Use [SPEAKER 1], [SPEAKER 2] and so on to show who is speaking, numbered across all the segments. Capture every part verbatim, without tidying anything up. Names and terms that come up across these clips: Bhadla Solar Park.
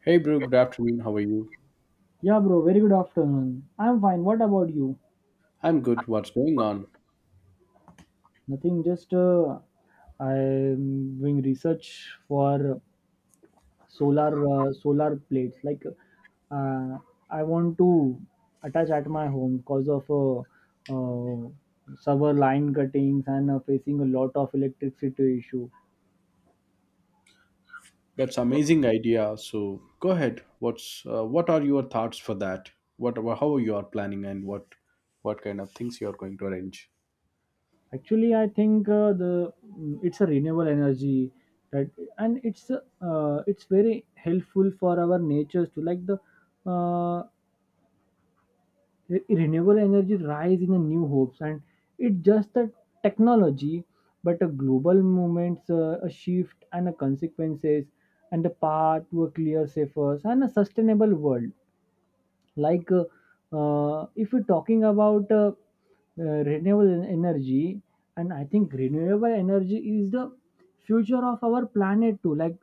[SPEAKER 1] Hey, bro, good afternoon. How are you?
[SPEAKER 2] Yeah, bro, very good afternoon. I'm fine. What about you?
[SPEAKER 1] I'm good. What's going on?
[SPEAKER 2] Nothing, just uh, I'm doing research for solar uh, solar plates. Like, uh, I want to attach at my home because of uh, uh, several line cuttings and uh, facing a lot of electricity issue.
[SPEAKER 1] That's amazing idea. So go ahead. What's uh, what are your thoughts for that? What how you are planning and what what kind of things you are going to arrange?
[SPEAKER 2] Actually, I think uh, the mm, it's a renewable energy that, and it's uh, it's very helpful for our natures. To like, the uh, re- renewable energy rise in a new hopes, and it's just a technology but a global movements, uh, a shift and a consequences, and a path to a clear safer and a sustainable world. Like, uh, uh, if you're talking about uh, uh, renewable en- energy, and I think renewable energy is the future of our planet too. Like,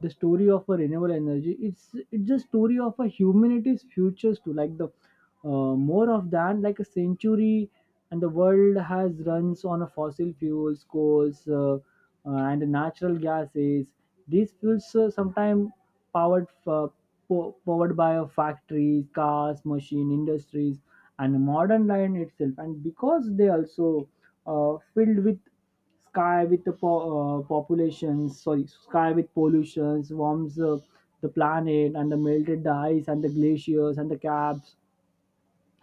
[SPEAKER 2] the story of a renewable energy, it's it's the story of a humanity's futures too. Like, the uh, more of than like a century, and the world has runs on a fossil fuels coals, uh, uh, and natural gases. These fuels, uh, sometimes powered, uh, po- powered by a factories cars machine industries and modern line itself, and because they also, uh, filled with sky with the po- uh, populations, sorry, sky with pollutions, warms uh, the planet, and the melted the ice and the glaciers and the caps.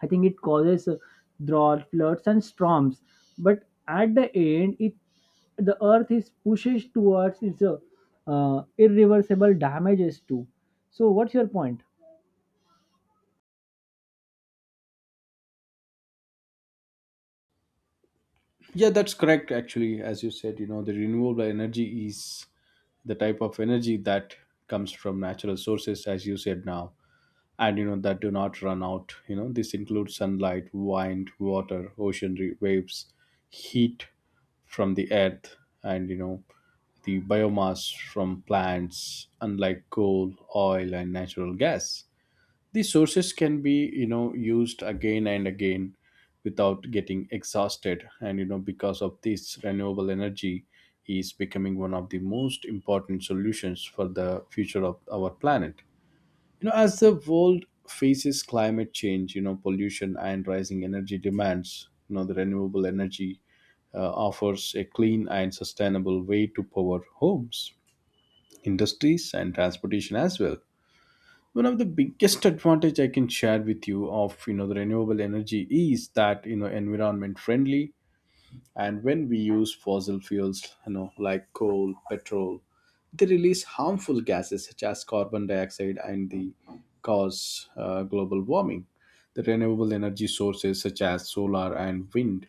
[SPEAKER 2] I think it causes uh, drought, floods, and storms. But at the end, it the earth is pushes towards its uh, uh, irreversible damages too. So, what's your point?
[SPEAKER 1] Yeah, that's correct. Actually, as you said, you know the renewable energy is the type of energy that comes from natural sources, as you said now. And you know that do not run out. You know this includes sunlight, wind, water, ocean re- waves, heat from the earth, and you know the biomass from plants, unlike coal, oil, and natural gas. These sources can be, you know used again and again without getting exhausted. And you know because of this, renewable energy is becoming one of the most important solutions for the future of our planet. You know as the world faces climate change, you know pollution, and rising energy demands, you know the renewable energy uh, offers a clean and sustainable way to power homes, industries, and transportation as well. One of the biggest advantage I can share with you of, you know the renewable energy is that, you know environment friendly. And when we use fossil fuels, you know like coal, petrol, they release harmful gases such as carbon dioxide, and they cause uh, global warming. The renewable energy sources such as solar and wind,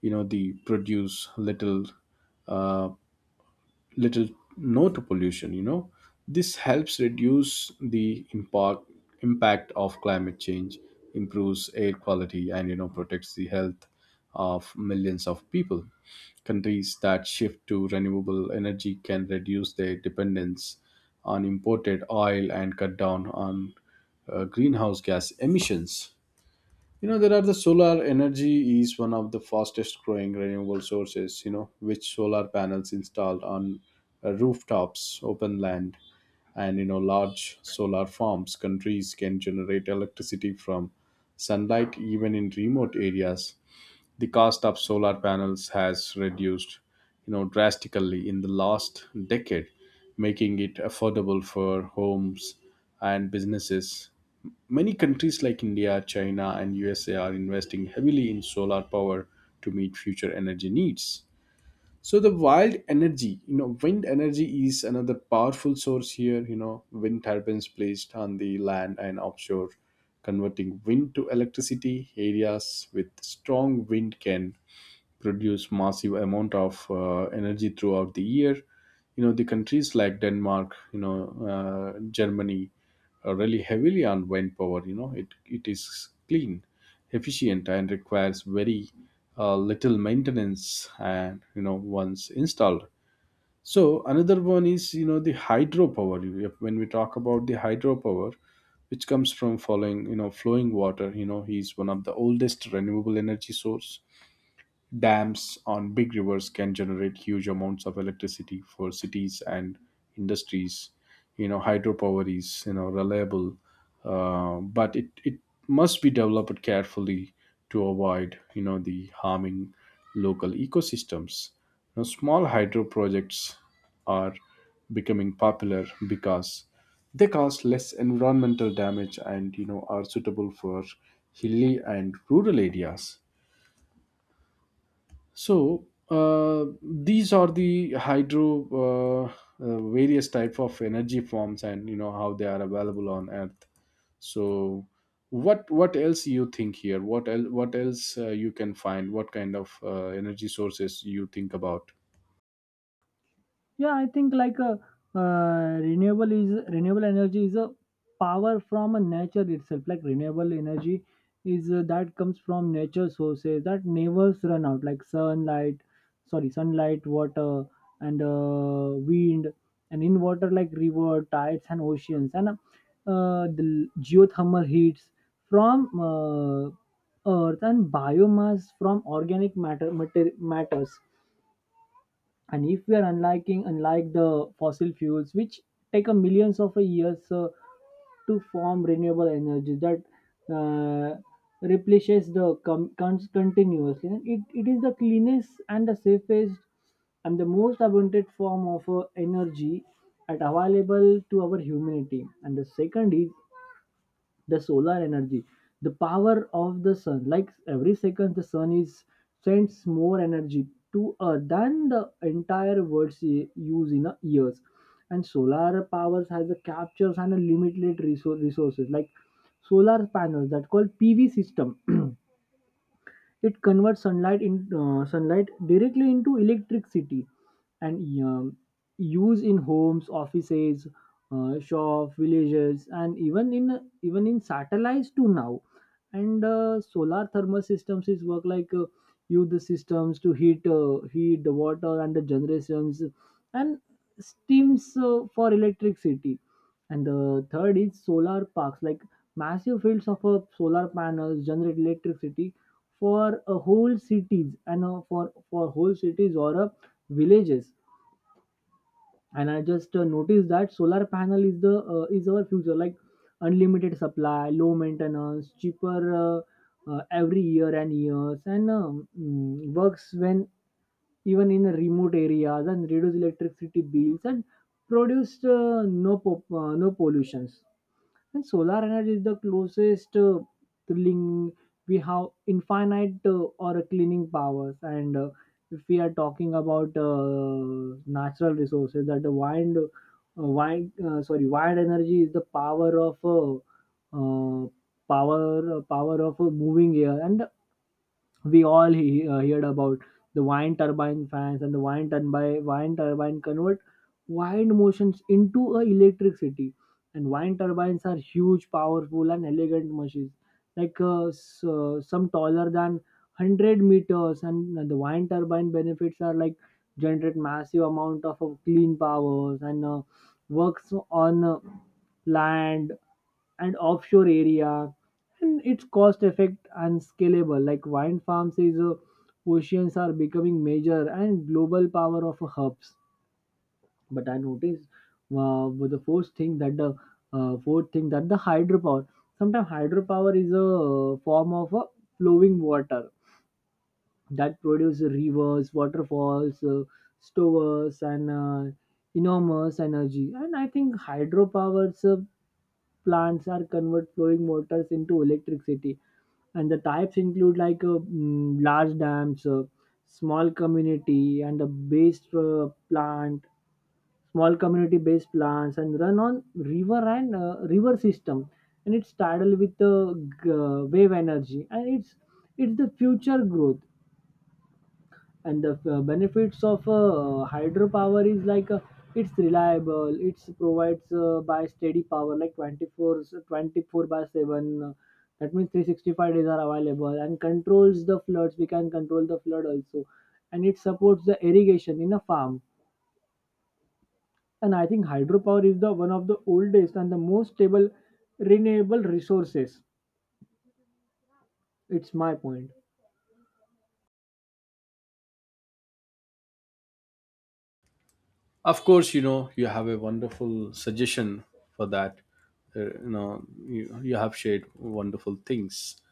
[SPEAKER 1] you know they produce little, uh, little no to pollution. You know this helps reduce the impact impact of climate change, improves air quality, and you know protects the health of millions of people. Countries that shift to renewable energy can reduce their dependence on imported oil and cut down on uh, greenhouse gas emissions. You know, there are— the solar energy is one of the fastest growing renewable sources, you know, which solar panels installed on uh, rooftops, open land, and, you know, large solar farms. Countries can generate electricity from sunlight even in remote areas. The cost of solar panels has reduced, you know drastically in the last decade, making it affordable for homes and businesses. Many countries like India, China, and U S A are investing heavily in solar power to meet future energy needs. So the wild energy— you know wind energy is another powerful source here. You know wind turbines placed on the land and offshore, converting wind to electricity. Areas with strong wind can produce massive amount of uh, energy throughout the year. You know the countries like Denmark, you know uh, Germany are really heavily on wind power. you know it, it is clean, efficient, and requires very uh, little maintenance, and you know once installed. So another one is, you know the hydropower. You- if- when we talk about the hydropower, which comes from following— you know flowing water, you know is one of the oldest renewable energy source. Dams on big rivers can generate huge amounts of electricity for cities and industries. You know, hydropower is, you know reliable, uh, but it it must be developed carefully to avoid, you know the harming local ecosystems. Now, small hydro projects are becoming popular because they cause less environmental damage, and you know are suitable for hilly and rural areas. So uh, these are the hydro uh, uh, various type of energy forms, and you know how they are available on Earth. So what what else you think here? What el- what else uh, you can find? What kind of uh, energy sources you think about?
[SPEAKER 2] Yeah, I think like a uh, renewable is renewable energy is a power from a nature itself. Like, renewable energy is uh, that comes from nature sources that never run out, like sunlight sorry sunlight, water, and uh, wind, and in water like river tides and oceans, and uh, the geothermal heats from uh, earth, and biomass from organic matter mater- matters. And if we are unliking unlike the fossil fuels, which take a millions of years uh, to form, renewable energy that uh, replenishes the com- con- continuously, and it, it is the cleanest and the safest and the most abundant form of uh, energy at available to our humanity. And the second is the solar energy, the power of the sun. Like, every second the sun is sends more energy to earth than the entire world's e- use in a years. And solar powers has a captures and a limited resource resources, like solar panels that called P V system. It converts sunlight in uh, sunlight directly into electricity, and um, use in homes, offices, uh, shop, villages, and even in even in satellites too now. And uh, solar thermal systems is work like, uh, use the systems to heat uh, heat the water and the generations, and steams uh, for electricity. And the third is solar parks, like massive fields of uh, solar panels generate electricity for a whole cities, and uh, for for whole cities or uh, villages. And I just uh, noticed that solar panel is the uh, is our future. Like, unlimited supply, low maintenance, cheaper uh, uh, every year and years, and um, mm, works when even in remote areas, and reduce electricity bills, and produce uh, no po- uh, no pollutions. And solar energy is the closest uh, link. We have infinite uh, or cleaning powers. And uh, if we are talking about uh, natural resources, that the wind, uh, wind, uh, sorry, wind energy is the power of uh, uh, power uh, power of uh, moving air, and we all he, uh, heard about the wind turbine fans, and the wind turbine wind turbine convert wind motions into a electricity. And wind turbines are huge powerful and elegant machines, like uh, s- uh, some taller than one hundred meters. And the wind turbine benefits are, like, generate massive amount of, of clean powers, and uh, works on uh, land and offshore area. And it's cost effect and scalable, like wind farms is uh, oceans are becoming major and global power of hubs. But I noticed, uh, with the first thing that the uh, fourth thing that the hydropower, sometimes hydropower is a uh, form of a flowing water that produce rivers, waterfalls, uh, stores, and uh, enormous energy. And I think hydropower uh, plants are convert flowing waters into electricity. And the types include, like, uh, mm, large dams, uh, small community, and a based uh, plant, small community-based plants, and run on river and uh, river system. And it's tidal with the g- uh, wave energy, and it's it's the future growth. And the uh, benefits of uh, hydropower is, like, uh, it's reliable, it's provides uh, by steady power like 24 24 by seven, uh, that means three hundred sixty-five days are available, and controls the floods, we can control the flood also, and it supports the irrigation in a farm. And I think hydropower is the one of the oldest and the most stable renewable resources. It's my point.
[SPEAKER 1] Of course, you know you have a wonderful suggestion for that. Uh, you know you, you have shared wonderful things.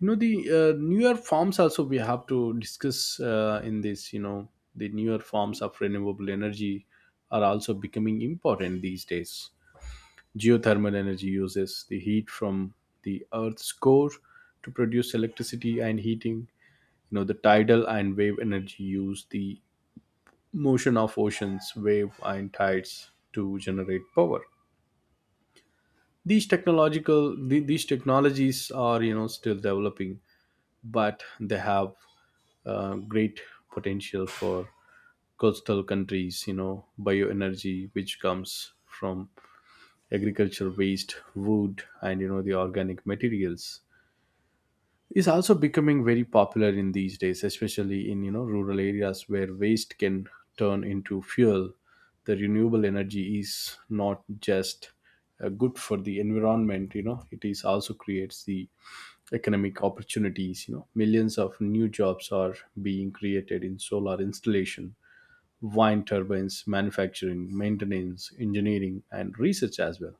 [SPEAKER 1] you know the uh, newer forms also we have to discuss uh, in this. You know the newer forms of renewable energy are also becoming important these days. Geothermal energy uses the heat from the earth's core to produce electricity and heating. You know the tidal and wave energy use the motion of oceans wave and tides to generate power. These technological the, these technologies are, you know still developing, but they have uh, great potential for coastal countries. You know bioenergy, which comes from agricultural waste, wood, and you know the organic materials, is also becoming very popular in these days, especially in, you know rural areas where waste can turn into fuel. The renewable energy is not just uh, good for the environment. You know it is also creates the economic opportunities. You know millions of new jobs are being created in solar installation, wind turbines manufacturing, maintenance, engineering, and research as well.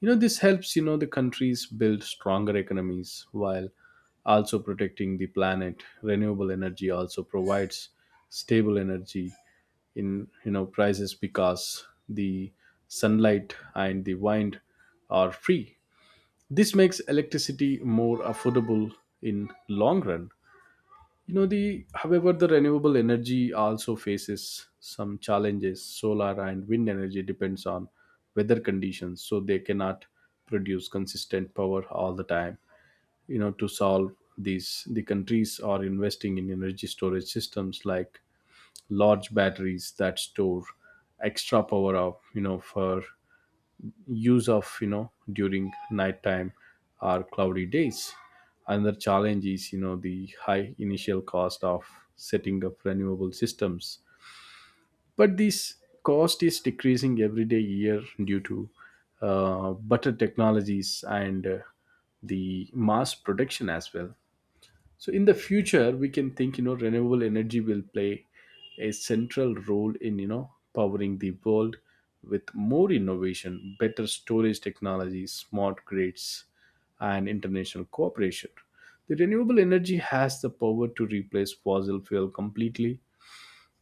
[SPEAKER 1] you know This helps, you know the countries build stronger economies while also protecting the planet. Renewable energy also provides stable energy in, you know prices, because the sunlight and the wind are free. This makes electricity more affordable in long run. You know the However, the renewable energy also faces some challenges. Solar and wind energy depends on weather conditions, so they cannot produce consistent power all the time. You know to solve these, the countries are investing in energy storage systems like large batteries that store extra power of, you know for use of, you know during nighttime or cloudy days. Another challenge is, you know the high initial cost of setting up renewable systems, but this cost is decreasing every day year due to uh, better technologies and uh, the mass production as well. So in the future, we can think, you know renewable energy will play a central role in, you know powering the world with more innovation, better storage technology, smart grids, and international cooperation. The renewable energy has the power to replace fossil fuel completely.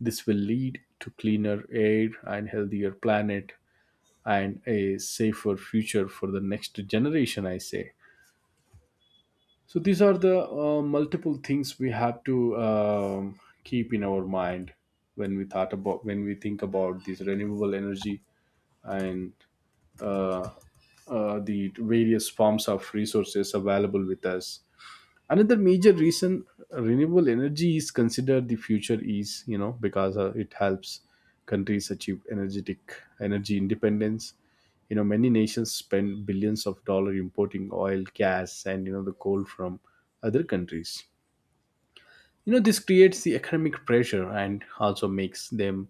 [SPEAKER 1] This will lead to cleaner air and healthier planet and a safer future for the next generation, I say. So these are the uh, multiple things we have to um, keep in our mind when we thought about when we think about this renewable energy, and uh, uh, the various forms of resources available with us. Another major reason uh, renewable energy is considered the future is, you know because uh, it helps countries achieve energetic energy independence. You know many nations spend billions of dollars importing oil, gas, and you know the coal from other countries. You know this creates the economic pressure and also makes them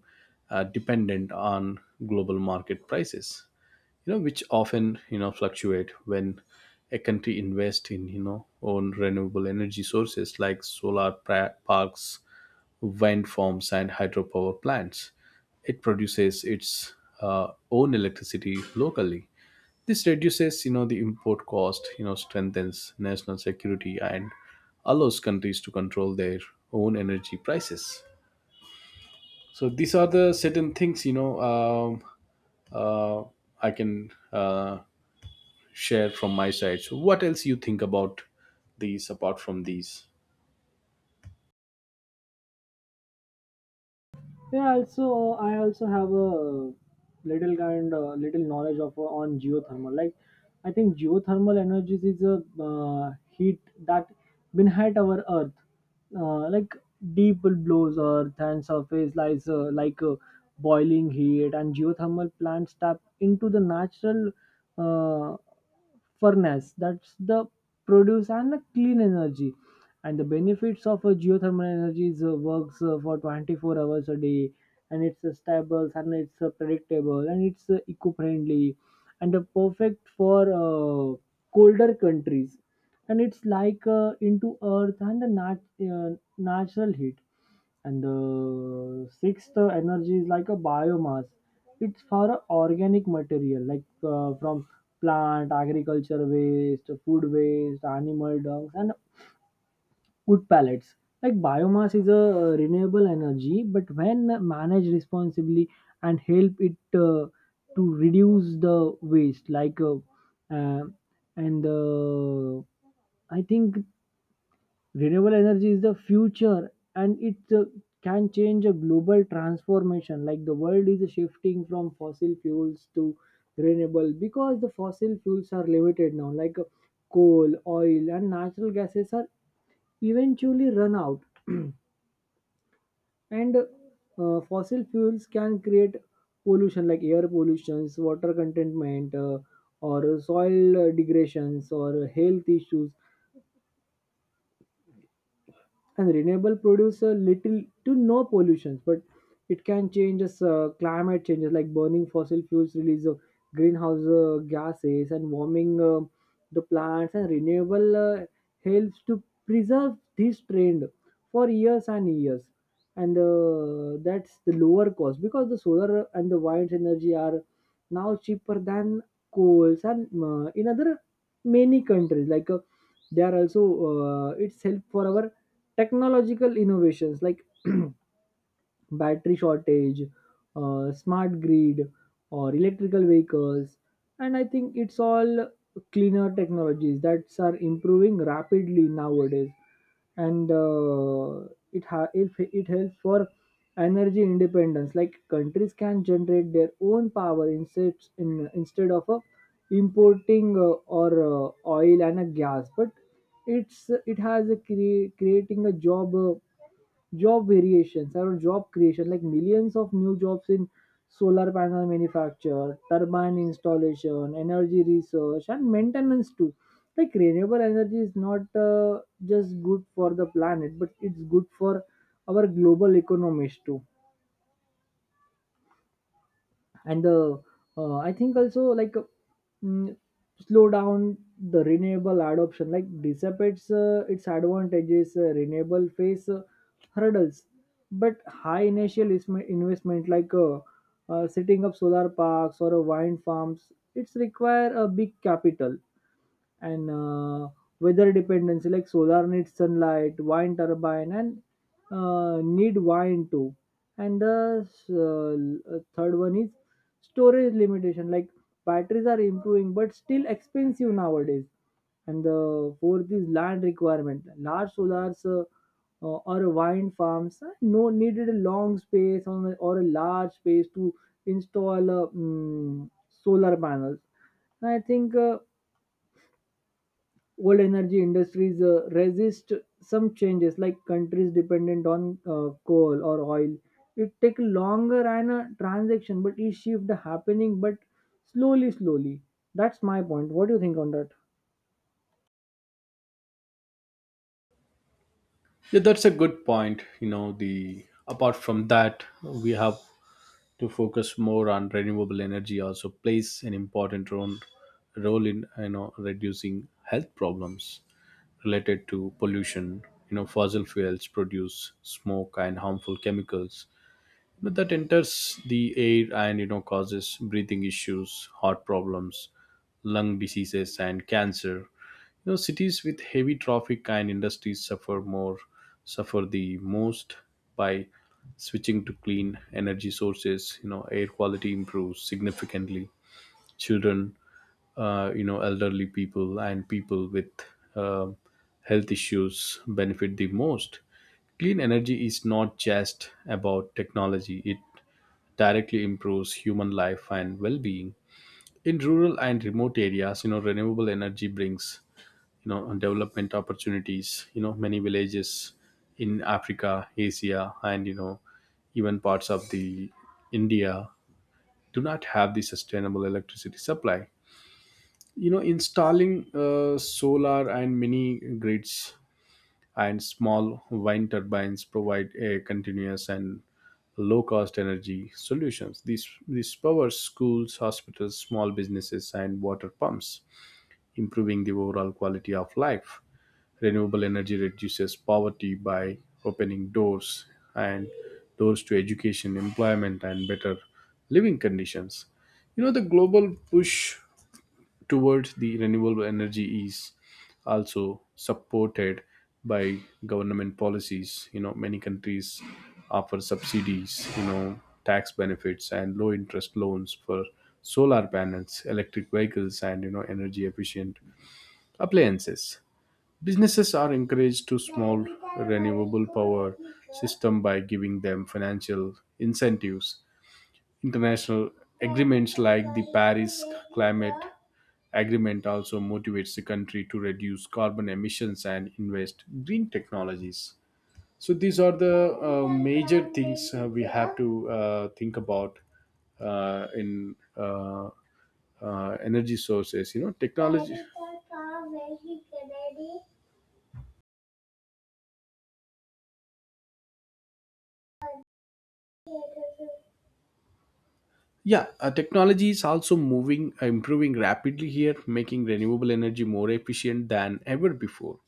[SPEAKER 1] uh, dependent on global market prices, you know which often, you know fluctuate. When a country invests in, you know own renewable energy sources like solar pra- parks, wind farms, and hydropower plants, it produces its uh, own electricity locally. This reduces, you know the import cost, you know strengthens national security, and allows countries to control their own energy prices. So these are the certain things, you know um, uh, I can uh, share from my side. So, what else you think about these apart from these?
[SPEAKER 2] Yeah, also I also have a little kind uh, little knowledge of uh, on geothermal. Like, I think geothermal energies is a uh, heat that been at our earth. Uh, like, deep blows earth and surface lies, uh, like uh, boiling heat. And geothermal plants tap into the natural uh, furnace that's the produce and the clean energy. And the benefits of uh, geothermal energy is, uh, works uh, for twenty-four hours a day, and it's uh, stable, and it's uh, predictable, and it's uh, eco-friendly, and uh, perfect for uh, colder countries. And it's like uh, into earth and the nat- uh, natural heat. And the sixth uh, energy is like a biomass. It's for a organic material like, uh, from plant agriculture waste, food waste, animal dung, and wood pellets. Like, biomass is a uh, renewable energy, but when managed responsibly and help it uh, to reduce the waste, like, uh, uh, and uh, I think renewable energy is the future, and it uh, can change a global transformation. Like, the world is shifting from fossil fuels to renewable, because the fossil fuels are limited now. Like, uh, coal, oil, and natural gases are eventually run out. And uh, fossil fuels can create pollution, like air pollutions, water contentment, uh, or soil uh, degradations, or health issues. And renewable produce a little to no pollution, but it can change as uh, climate changes, like burning fossil fuels release of greenhouse uh, gases, and warming uh, the plants. And renewable uh, helps to preserve this trend for years and years. And uh, that's the lower cost, because the solar and the wind energy are now cheaper than coals, and uh, in other many countries. Like, uh, they are also uh, it's help for our technological innovations, like battery shortage, uh, smart grid, or electrical vehicles. And I think it's all cleaner technologies that are improving rapidly nowadays. And uh, it, ha- it, it helps for energy independence. Like, countries can generate their own power instead, in, instead of uh, importing uh, or uh, oil and a gas. But it's it has a cre- creating a job. Uh, job variations around job creation, like millions of new jobs in solar panel manufacture, turbine installation, energy research, and maintenance too. Like, renewable energy is not uh, just good for the planet, but it's good for our global economies too. And the uh, I think also like uh, mm, slow down the renewable adoption, like dissipates uh, its advantages. Uh, renewable face uh, hurdles, but high initial isme- investment, like, uh, uh, setting up solar parks or uh, wind farms, it's require a big capital. And uh, weather dependency, like solar needs sunlight, wind turbine, and uh, need wind too. And the uh, third one is storage limitation, like batteries are improving but still expensive nowadays. And the fourth is land requirement, large solars, uh, uh, or wind farms, uh, no needed a long space on a- or a large space to install, uh, mm, solar panels. And I think, uh, old energy industries uh, resist some changes, like countries dependent on uh, coal or oil. It take longer and a transaction, but each shift happening, but slowly, slowly. That's my point. What do you think on that?
[SPEAKER 1] Yeah, that's a good point. You know, the Apart from that, we have to focus more on renewable energy. Also, plays an important role role in, you know reducing health problems related to pollution. You know, fossil fuels produce smoke and harmful chemicals but that enters the air and you know causes breathing issues, heart problems, lung diseases, and cancer. You know cities with heavy traffic and industries suffer more suffer the most. By switching to clean energy sources, you know air quality improves significantly. Children, uh, you know elderly people, and people with uh, health issues benefit the most. Clean energy is not just about technology, it directly improves human life and well-being. In rural and remote areas, you know renewable energy brings, you know development opportunities. You know many villages in Africa, Asia, and, you know even parts of the India, do not have the sustainable electricity supply. You know installing uh, solar and mini grids and small wind turbines provide a continuous and low cost energy solutions. These these power schools, hospitals, small businesses, and water pumps, improving the overall quality of life. Renewable energy reduces poverty by opening doors and doors to education, employment, and better living conditions. You know the global push towards the renewable energy is also supported by government policies. You know many countries offer subsidies, you know tax benefits, and low interest loans for solar panels, electric vehicles, and you know energy efficient appliances. Businesses are encouraged to small renewable power system by giving them financial incentives. International agreements like the Paris climate agreement also motivates the country to reduce carbon emissions and invest green technologies. So these are the uh, major things uh, we have to uh, think about, uh, in uh, uh, energy sources. You know technology— yeah, uh, technology is also moving uh, improving rapidly here, making renewable energy more efficient than ever before.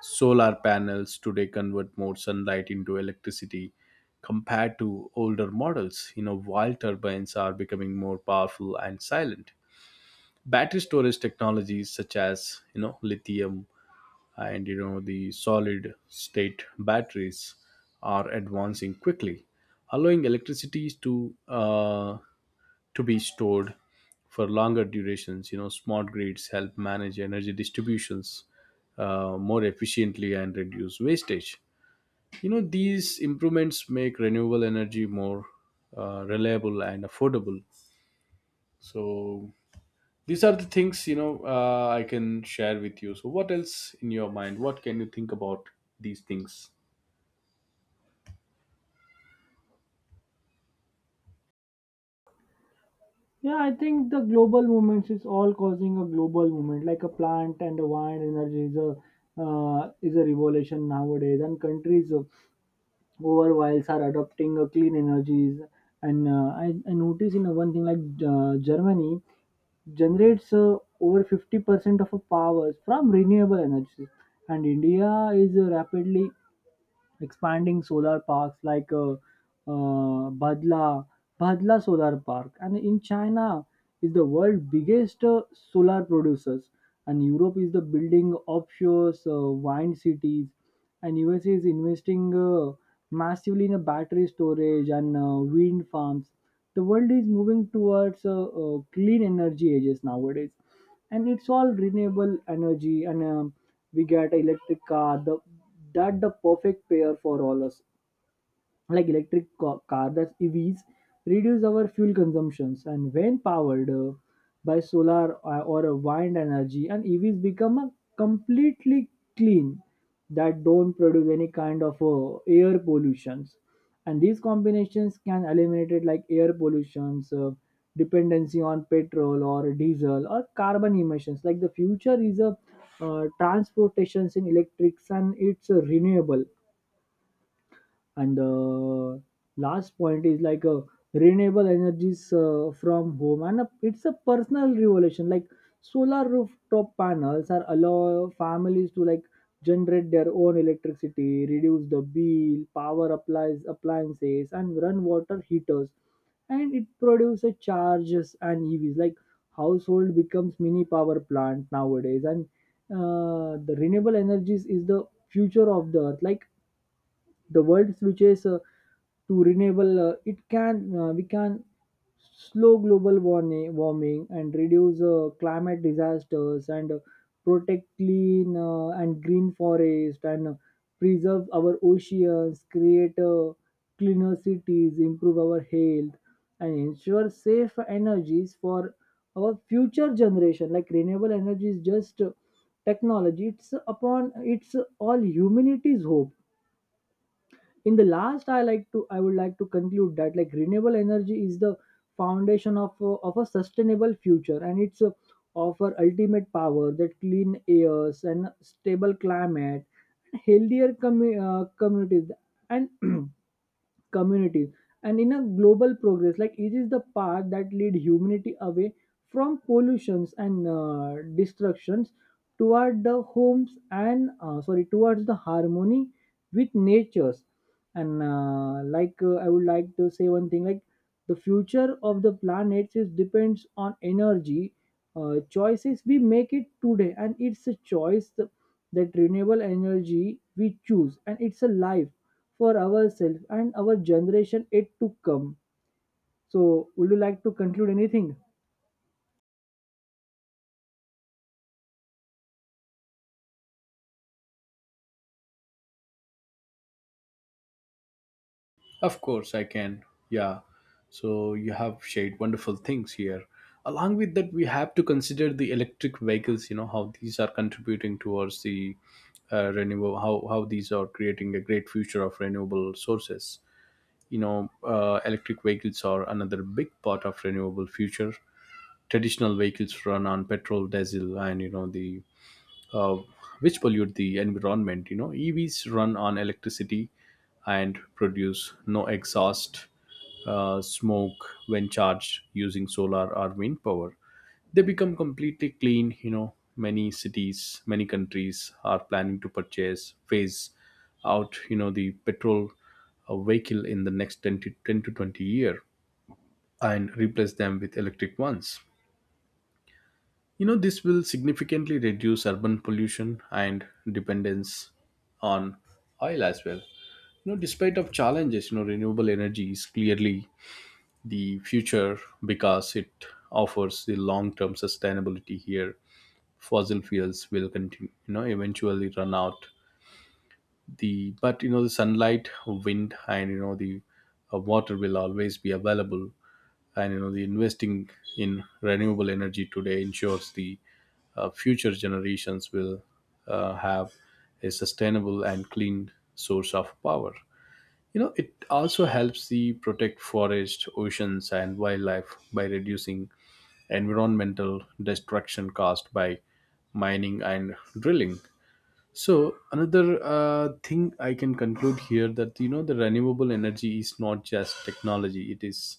[SPEAKER 1] Solar panels today convert more sunlight into electricity compared to older models. You know, while turbines are becoming more powerful and silent. Battery storage technologies such as, you know, lithium, and, you know, the solid state batteries, are advancing quickly, allowing electricity to uh, to be stored for longer durations. You know, smart grids help manage energy distributions uh, more efficiently and reduce wastage. You know, these improvements make renewable energy more uh, reliable and affordable. So these are the things you know uh, I can share with you. So what else in your mind? What can you think about these things?
[SPEAKER 2] Yeah, I think the global movements is all causing a global movement, like a plant and a wind energy is a uh, is a revolution nowadays. And countries, uh, over whiles are adopting uh, clean energies. And uh, I, I notice in one thing, like, uh, Germany generates uh, over fifty percent of our power from renewable energies. And India is uh, rapidly expanding solar parks like uh, uh, Bhadla, Bhadla Solar Park. And in China is the world biggest uh, solar producers. And Europe is the building offshore uh, wind cities. And U S A is investing uh, massively in a battery storage and uh, wind farms. The world is moving towards uh, uh, clean energy ages nowadays, and it's all renewable energy. And um we get electric car, the that the perfect pair for all us. Like, electric co- car, that's E Vs reduce our fuel consumptions, and when powered uh, by solar uh, or a wind energy, and E Vs become a completely clean, that don't produce any kind of uh, air pollutions. And these combinations can eliminate it, like air pollutions, uh, dependency on petrol or diesel, or carbon emissions. Like, the future is a uh, transportations in electrics, and it's uh, renewable. And the last point is like a renewable energies uh, from home, and a, it's a personal revolution. Like, solar rooftop panels are allow families to, like, generate their own electricity, reduce the bill, power applies appliances, and run water heaters, and it produces charges and E Vs. Like, household becomes mini power plant nowadays. And uh, the renewable energies is the future of the earth. Like, the world switches, uh, to renewable, uh, it can uh, we can slow global warming, warming, and reduce uh, climate disasters, and uh, protect clean uh, and green forest, and uh, preserve our oceans, create uh, cleaner cities, improve our health, and ensure safe energies for our future generation. Like, renewable energy is just uh, technology, it's upon it's all humanity's hope. In the last i like to I would like to conclude that, like, renewable energy is the foundation of a, of a sustainable future, and it's a, offer ultimate power, that clean airs, and stable climate, and healthier commu- uh, communities, and communities, and in a global progress. Like, it is the path that lead humanity away from pollutions and uh, destructions, toward the homes, and uh, sorry towards the harmony with natures. And uh, like, uh, I would like to say one thing, like, the future of the planets is depends on energy uh, choices we make it today, and it's a choice th- that renewable energy we choose, and it's a life for ourselves and our generation it to come. So would you like to conclude anything?
[SPEAKER 1] Of course, I can. Yeah. So you have shared wonderful things here. Along with that, we have to consider the electric vehicles. You know how these are contributing towards the uh, renewable. How how these are creating a great future of renewable sources. You know, uh, electric vehicles are another big part of renewable future. Traditional vehicles run on petrol, diesel, and you know the uh, which pollute the environment. You know, E Vs run on electricity and produce no exhaust uh, smoke when charged using solar or wind power. They become completely clean. You know, many cities, many countries are planning to purchase phase out. You know, the petrol uh, vehicle in the next ten to, ten to twenty year and replace them with electric ones. You know, this will significantly reduce urban pollution and dependence on oil as well. You know, despite of challenges, you know, renewable energy is clearly the future because it offers the long-term sustainability here. Fossil fuels will continue, you know, eventually run out the but you know the sunlight wind and you know the uh, water will always be available, and you know the investing in renewable energy today ensures the uh, future generations will uh, have a sustainable and clean source of power. You know it also helps the protect forests, oceans and wildlife by reducing environmental destruction caused by mining and drilling. So another uh, thing I can conclude here that you know the renewable energy is not just technology; it is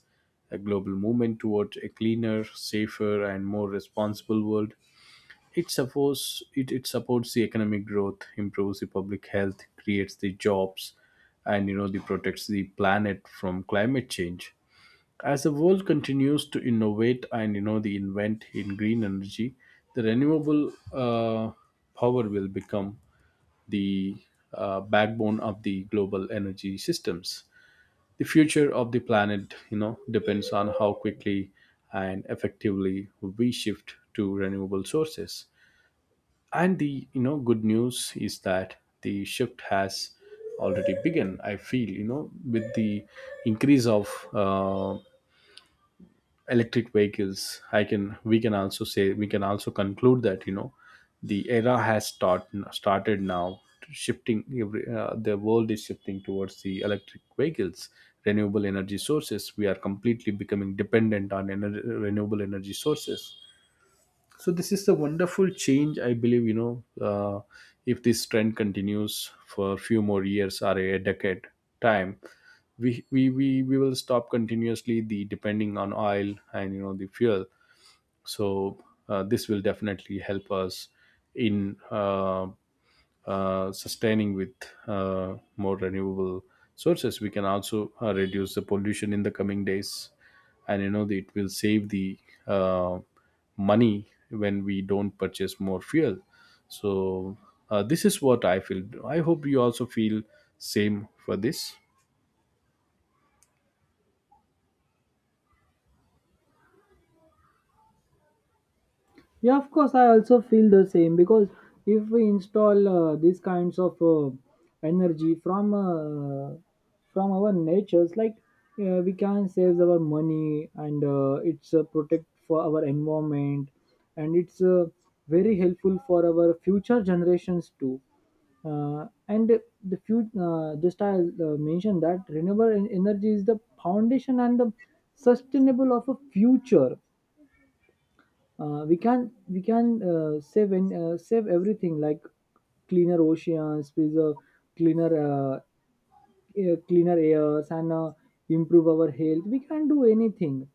[SPEAKER 1] a global movement towards a cleaner, safer, and more responsible world. It supports it, it supports the economic growth, improves the public health, creates the jobs, and you know the protects the planet from climate change. As the world continues to innovate and you know the invent in green energy, the renewable uh, power will become the uh, backbone of the global energy systems. The future of the planet, you know, depends on how quickly and effectively we shift to renewable sources. And the, you know, good news is that the shift has already begun. I feel, you know, with the increase of uh, electric vehicles, I can we can also say we can also conclude that you know the era has start, started now shifting every, uh, the world is shifting towards the electric vehicles, renewable energy sources. We are completely becoming dependent on ener- renewable energy sources. So this is the wonderful change I believe, you know. uh, if this trend continues for a few more years or a decade time, we, we we we will stop continuously the depending on oil and you know the fuel. So uh, this will definitely help us in uh, uh, sustaining with uh, more renewable sources. We can also uh, reduce the pollution in the coming days. And you know, the, it will save the uh, money when we don't purchase more fuel. So uh, this is what I feel. I hope you also feel same for this.
[SPEAKER 2] Yeah, of course, I also feel the same, because if we install uh, these kinds of uh, energy from uh, from our natures. Like, uh, we can save our money, and uh, it's uh, protect for our environment, and it's uh, very helpful for our future generations too. Uh, and the few, uh, just I uh, mentioned that renewable en- energy is the foundation and the sustainable of a future. uh, we can we can uh, save, and uh, save everything, like cleaner oceans, preserve cleaner uh, air- cleaner airs, and uh, improve our health, we can do anything.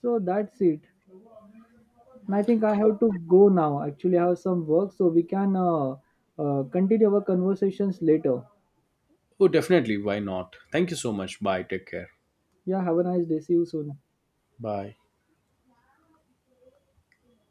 [SPEAKER 2] So that's it. And I think I have to go now, actually I have some work, so we can uh, uh, continue our conversations later.
[SPEAKER 1] Oh, definitely. Why not? Thank you so much. Bye. Take care.
[SPEAKER 2] Yeah, have a nice day, see you soon.
[SPEAKER 1] Bye.